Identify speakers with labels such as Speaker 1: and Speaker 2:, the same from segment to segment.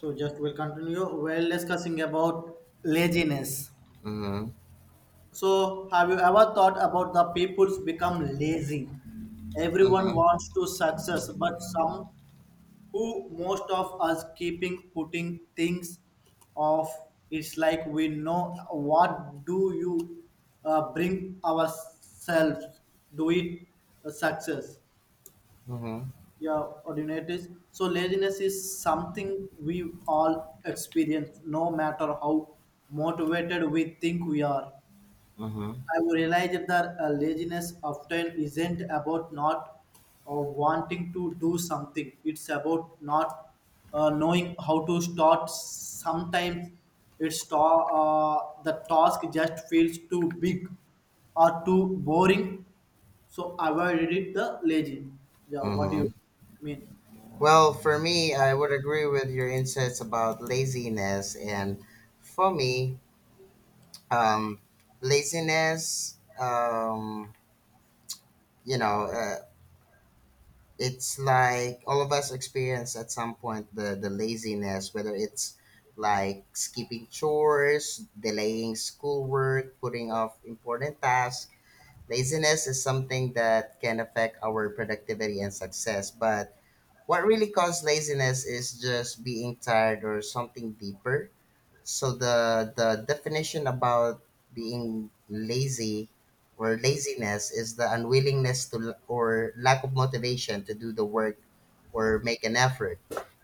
Speaker 1: So just we'll continue. We're discussing about laziness.
Speaker 2: Mhm.
Speaker 1: So have you ever thought about the people's become lazy? Everyone
Speaker 2: Mhm.
Speaker 1: wants to success, but some who most of us keeping putting things off. It's like we know what do you bring ourselves do it a success.
Speaker 2: Mhm.
Speaker 1: Yeah, ordinators, so laziness is something we all experience no matter how motivated we think we are.
Speaker 2: Mhm.
Speaker 1: I would realize that laziness often isn't about not wanting to do something. It's about not knowing how to start. Sometimes the task just feels too big or too boring, so avoid it the lazy. Yeah, what do you
Speaker 2: Mhm.
Speaker 1: mean?
Speaker 2: Well, for me, I would agree with your insights about laziness, and for me, um, laziness, you know, uh, it's like all of us experience at some point the laziness, whether it's like skipping chores, delaying schoolwork, putting off important tasks. Laziness is something that can affect our productivity and success, but what really causes laziness is just being tired or something deeper. So the definition about being lazy or laziness is the unwillingness to or lack of motivation to do the work or make an effort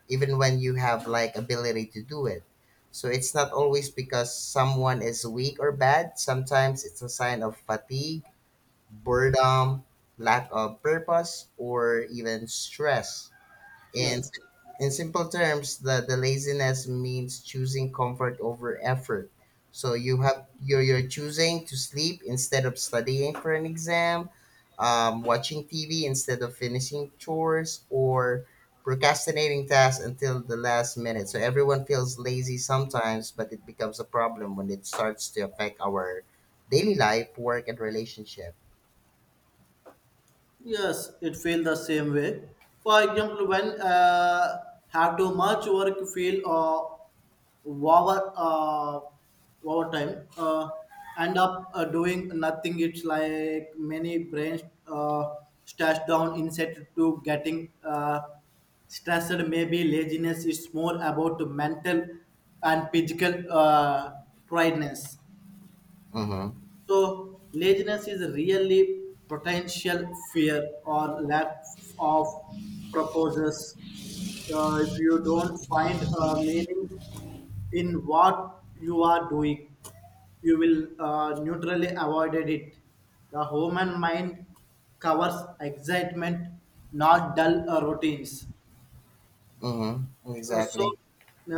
Speaker 2: even when you have like ability to do it. So it's not always because someone is weak or bad. Sometimes it's a sign of fatigue, boredom, lack of purpose or even stress in
Speaker 1: Yes,
Speaker 2: in simple terms, the laziness means choosing comfort over effort. So you have you're choosing to sleep instead of studying for an exam, watching TV instead of finishing chores, or procrastinating tasks until the last minute. So everyone feels lazy sometimes, but it becomes a problem when it starts to affect our daily life, work, and relationship.
Speaker 1: yes, it feel the same way. For example, when have too much work, feel over over time, end up doing nothing. It's like many brains uh, stashed down instead to getting stressed. Maybe laziness is more about mental and physical tiredness.
Speaker 2: Mm-hmm.
Speaker 1: So laziness is really potential fear or lack of purposes. If you don't find a meaning in what you are doing, you will neutrally avoided it. The human mind covers excitement, not dull routines.
Speaker 2: Mm-hmm.
Speaker 1: Uh,
Speaker 2: Exactly.
Speaker 1: so,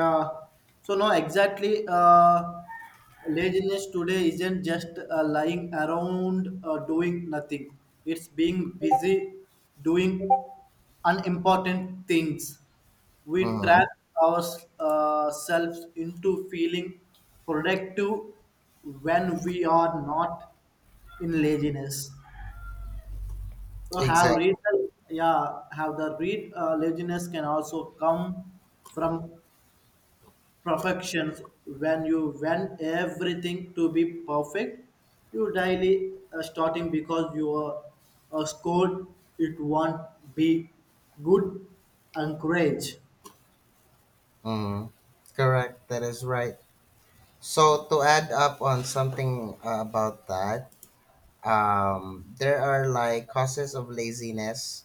Speaker 1: uh, exactly. Laziness today isn't just lying around doing nothing. It's being busy doing unimportant things. We
Speaker 2: Mm-hmm.
Speaker 1: trap ourselves into feeling productive when we are not in laziness. So have read
Speaker 2: Exactly.
Speaker 1: yeah have the read laziness can also come from perfections. When you want everything to be perfect, you daily starting because your score it won't be good encourage.
Speaker 2: Mm, correct. That is right. So to add up on something about that, there are like causes of laziness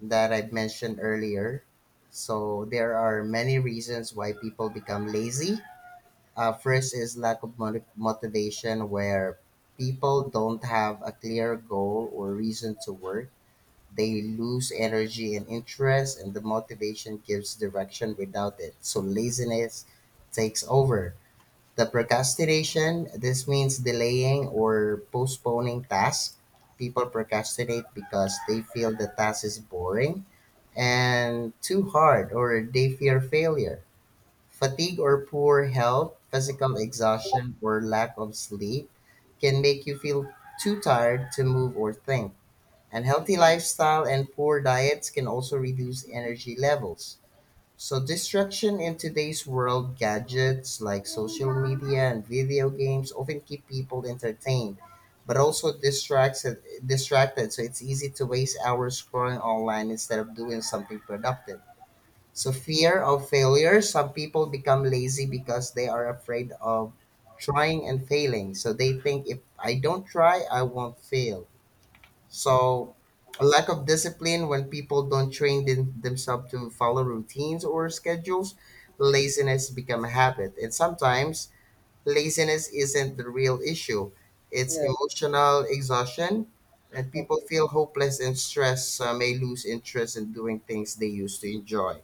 Speaker 2: that I've mentioned earlier. So there are many reasons why people become lazy. First is lack of motivation, where people don't have a clear goal or reason to work. They lose energy and interest, and the motivation gives direction without it. So laziness takes over. The procrastination, this means delaying or postponing tasks. People procrastinate because they feel the task is boring and too hard, or they fear failure. Fatigue or poor health, physical exhaustion, or lack of sleep can make you feel too tired to move or think. Unhealthy lifestyle and poor diets can also reduce energy levels. So, distraction in today's world, gadgets like social media and video games often keep people entertained, but also distracted. So, it's easy to waste hours scrolling online instead of doing something productive. So, fear of failure, some people become lazy because they are afraid of trying and failing. So, they think if I don't try, I won't fail. So, a lack of discipline, when people don't train themselves to follow routines or schedules, laziness become a habit. And sometimes laziness isn't the real issue. It's
Speaker 1: Yeah.
Speaker 2: emotional exhaustion and people
Speaker 1: Okay.
Speaker 2: feel hopeless and stressed, may lose interest in doing things they used to enjoy.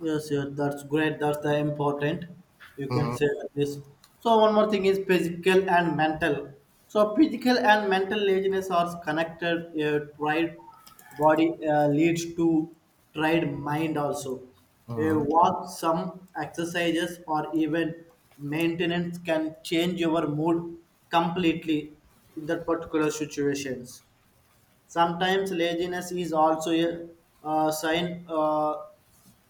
Speaker 1: Yes, yes, that's great. That's the important. You can
Speaker 2: Mhm,
Speaker 1: say like this. So one more thing is physical and mental. So physical and mental laziness are connected. A tired body leads to tired mind also. A
Speaker 2: mhm,
Speaker 1: walk, some exercises, or even maintenance can change your mood completely in that particular situations. Sometimes laziness is also a sign.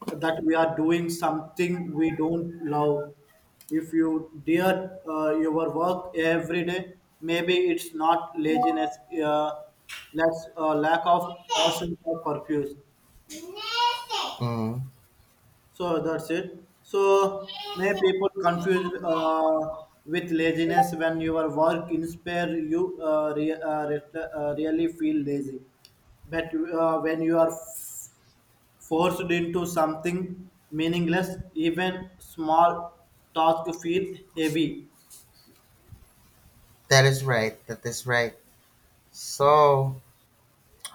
Speaker 1: That we are doing something we don't love. If you dear your work every day, maybe it's not laziness, uh, less lack of passion or purpose.
Speaker 2: mhm.
Speaker 1: So that's it. So may people confuse with laziness when your work inspire you really feel lazy. But when you are forced into something meaningless, even small task feel heavy.
Speaker 2: That is right. That is right. So,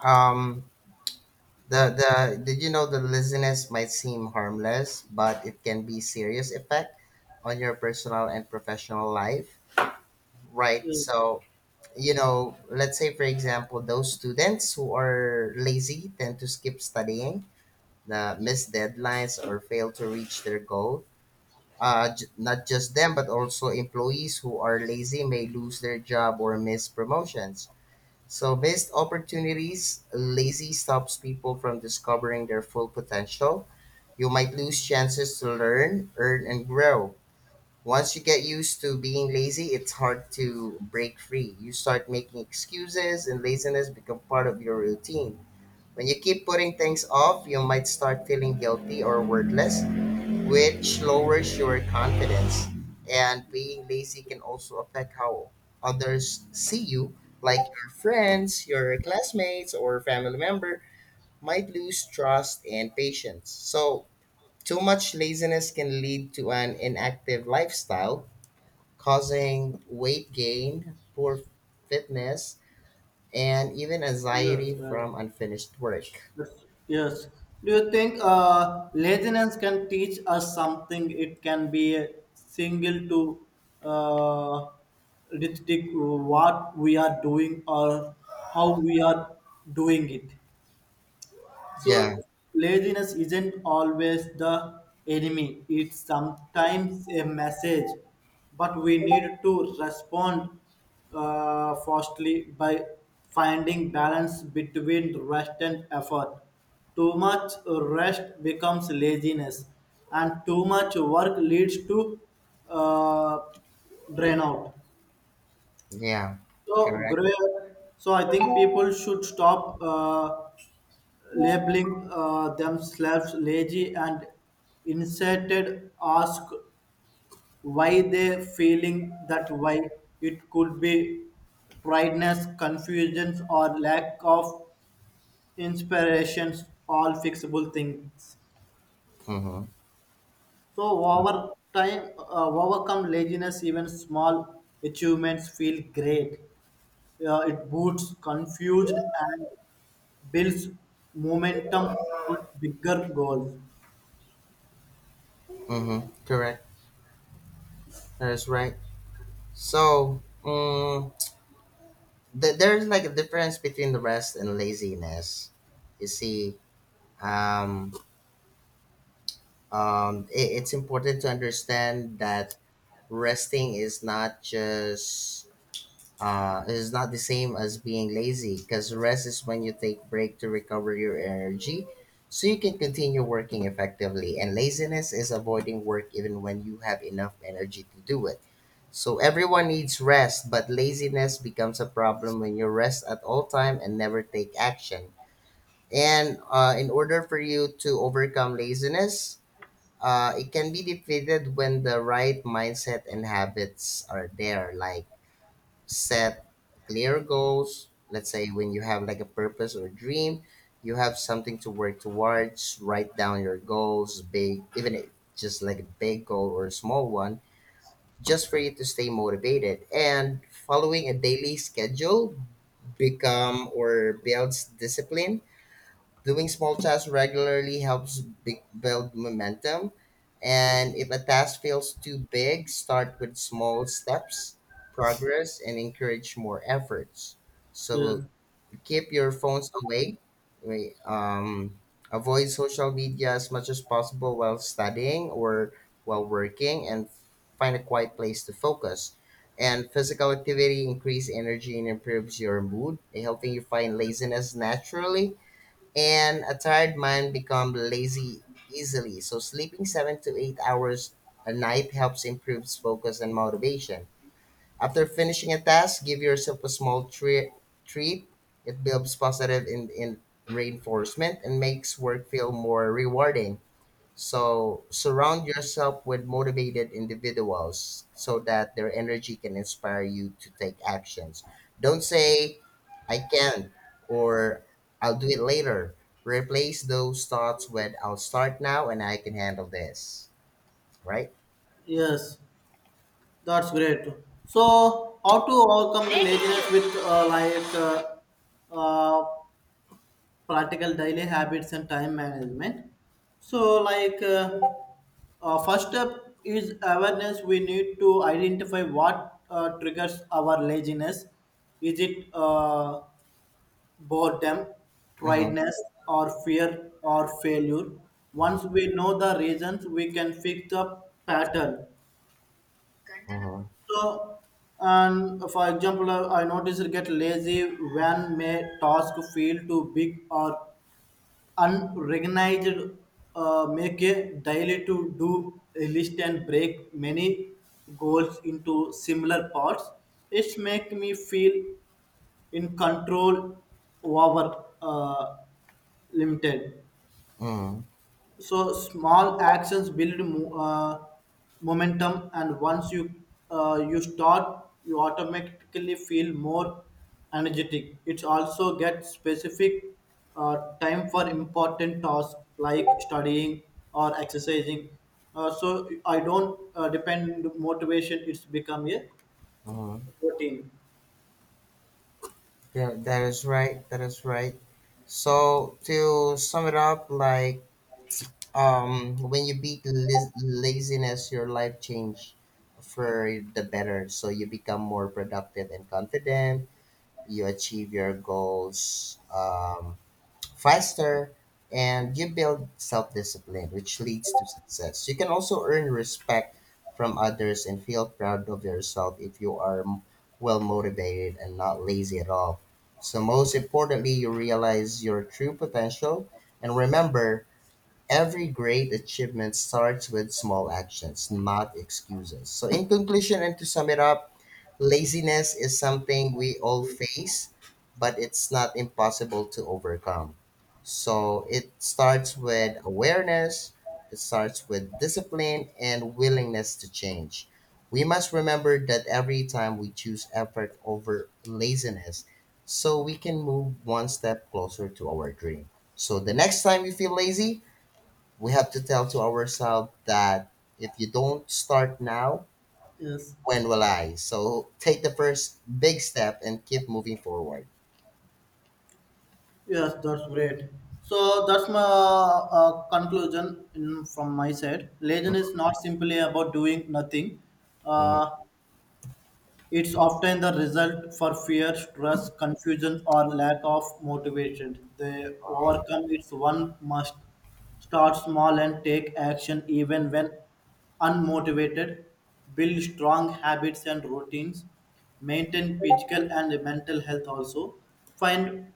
Speaker 2: um, the did you know the laziness might seem harmless, but it can be serious effect on your personal and professional life, right?
Speaker 1: Uh,
Speaker 2: So you know, let's say for example, those students who are lazy tend to skip studying, miss deadlines, or fail to reach their goal. Not just them, but also employees who are lazy may lose their job or miss promotions. So missed opportunities, lazy stops people from discovering their full potential, you might lose chances to learn, earn, and grow. Once you get used to being lazy, it's hard to break free. You start making excuses, and laziness become part of your routine. When you keep putting things off, you might start feeling guilty or worthless, which lowers your confidence. And being lazy can also affect how others see you, like your friends, your classmates, or family member might lose trust and patience. So, too much laziness can lead to an inactive lifestyle, causing weight gain, poor fitness, and even
Speaker 1: Yes,
Speaker 2: anxiety
Speaker 1: right.
Speaker 2: from unfinished work.
Speaker 1: Yes. Yes. Do you think laziness can teach us something? It can be a single to uh, restrict what we are doing or how we are doing it.
Speaker 2: Yeah,
Speaker 1: So laziness isn't always the enemy. It's sometimes a message, but we need to respond firstly by finding balance between rest and effort. Too much rest becomes laziness, and too much work leads to uh, drain out.
Speaker 2: yeah,
Speaker 1: So,
Speaker 2: correct.
Speaker 1: great. So I think people should stop. Labeling themselves lazy and instead ask why they feeling that way. It could be tiredness, confusions, or lack of inspirations, all fixable things.
Speaker 2: Mm-hmm.
Speaker 1: So over time, overcome laziness. Even small achievements feel great. It boosts confused and builds momentum for bigger goals.
Speaker 2: Mm-hmm. Correct. That is right. So, there's like a difference between the rest and laziness. You see, um, I it's important to understand that resting is not just, uh, it is not the same as being lazy because rest is when you take break to recover your energy so you can continue working effectively, and laziness is avoiding work even when you have enough energy to do it. So everyone needs rest, but laziness becomes a problem when you rest at all time and never take action. And in order for you to overcome laziness, it can be defeated when the right mindset and habits are there, like set clear goals. Let's say when you have like a purpose or a dream, you have something to work towards. Write down your goals, big, even if just like a big goal or a small one, just for you to stay motivated. And following a daily schedule become or builds discipline. Doing small tasks regularly helps big build momentum. And if a task feels too big, start with small steps, progress, and encourage more efforts. So
Speaker 1: Yeah.
Speaker 2: keep your phones away. wa- Um, Avoid social media as much as possible while studying or while working, and find a quiet place to focus. And physical activity increases energy and improves your mood, helping you find laziness naturally, and a tired mind become lazy easily. So sleeping 7 to 8 hours a night helps improve focus and motivation. After finishing a task, give yourself a small treat. It builds positive in reinforcement and makes work feel more rewarding. So surround yourself with motivated individuals so that their energy can inspire you to take actions. Don't say, I can't, or I'll do it later. Replace those thoughts with, I'll start now and I can handle this. Right?
Speaker 1: Yes, that's great. So, how to overcome the laziness with uh, practical daily habits and time management? So, first step is awareness. We need to identify what triggers our laziness. Is it boredom,
Speaker 2: Mm-hmm.
Speaker 1: tiredness, or fear or failure? Once we know the reasons, we can fix the pattern.
Speaker 2: Mm-hmm.
Speaker 1: So, and for example, I noticed get lazy when may task feel too big or unrecognized. Make a daily to do a list and break many goals into similar parts. It's make me feel in control over limited.
Speaker 2: Mm-hmm.
Speaker 1: So small actions build momentum, and once you you start, you automatically feel more energetic. It also gets specific time for important tasks like studying or exercising. So I don't depend motivation; it's become a
Speaker 2: Mm-hmm.
Speaker 1: routine.
Speaker 2: Yeah, that is right. That is right. So to sum it up, like, when you beat laziness, your life change for the better. So you become more productive and confident. You achieve your goals faster, and you build self discipline, which leads to success. You can also earn respect from others and feel proud of yourself if you are well motivated and not lazy at all. So most importantly, you realize your true potential, and remember, every great achievement starts with small actions, not excuses. So, in conclusion, and to sum it up, laziness is something we all face, but it's not impossible to overcome. So, it starts with awareness, it starts with discipline and willingness to change. We must remember that every time we choose effort over laziness, so we can move one step closer to our dream. So, the next time you feel lazy, we have to tell to ourselves that if you don't start now,
Speaker 1: Yes.
Speaker 2: when will I? So take the first big step and keep moving forward.
Speaker 1: Yes, that's great. So that's my conclusion in, from my side. Legend is not simply about doing nothing.
Speaker 2: Mhm,
Speaker 1: Uh, it's often the result for fear, stress, confusion, or lack of motivation. They
Speaker 2: mhm.
Speaker 1: overcome its one must start small and take action even when unmotivated. Build strong habits and routines. Maintain physical and mental health also. Find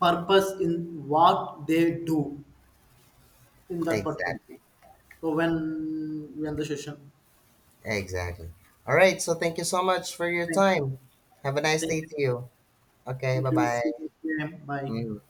Speaker 1: purpose in what they do in that
Speaker 2: Exactly.
Speaker 1: particular, so when we end the session,
Speaker 2: Exactly. All right. So thank you so much for your
Speaker 1: thank
Speaker 2: time. Have a
Speaker 1: you,
Speaker 2: nice
Speaker 1: thank
Speaker 2: day
Speaker 1: you,
Speaker 2: to you. Okay. Bye
Speaker 1: thank you.
Speaker 2: bye.
Speaker 1: See you again. Bye.
Speaker 2: Mm,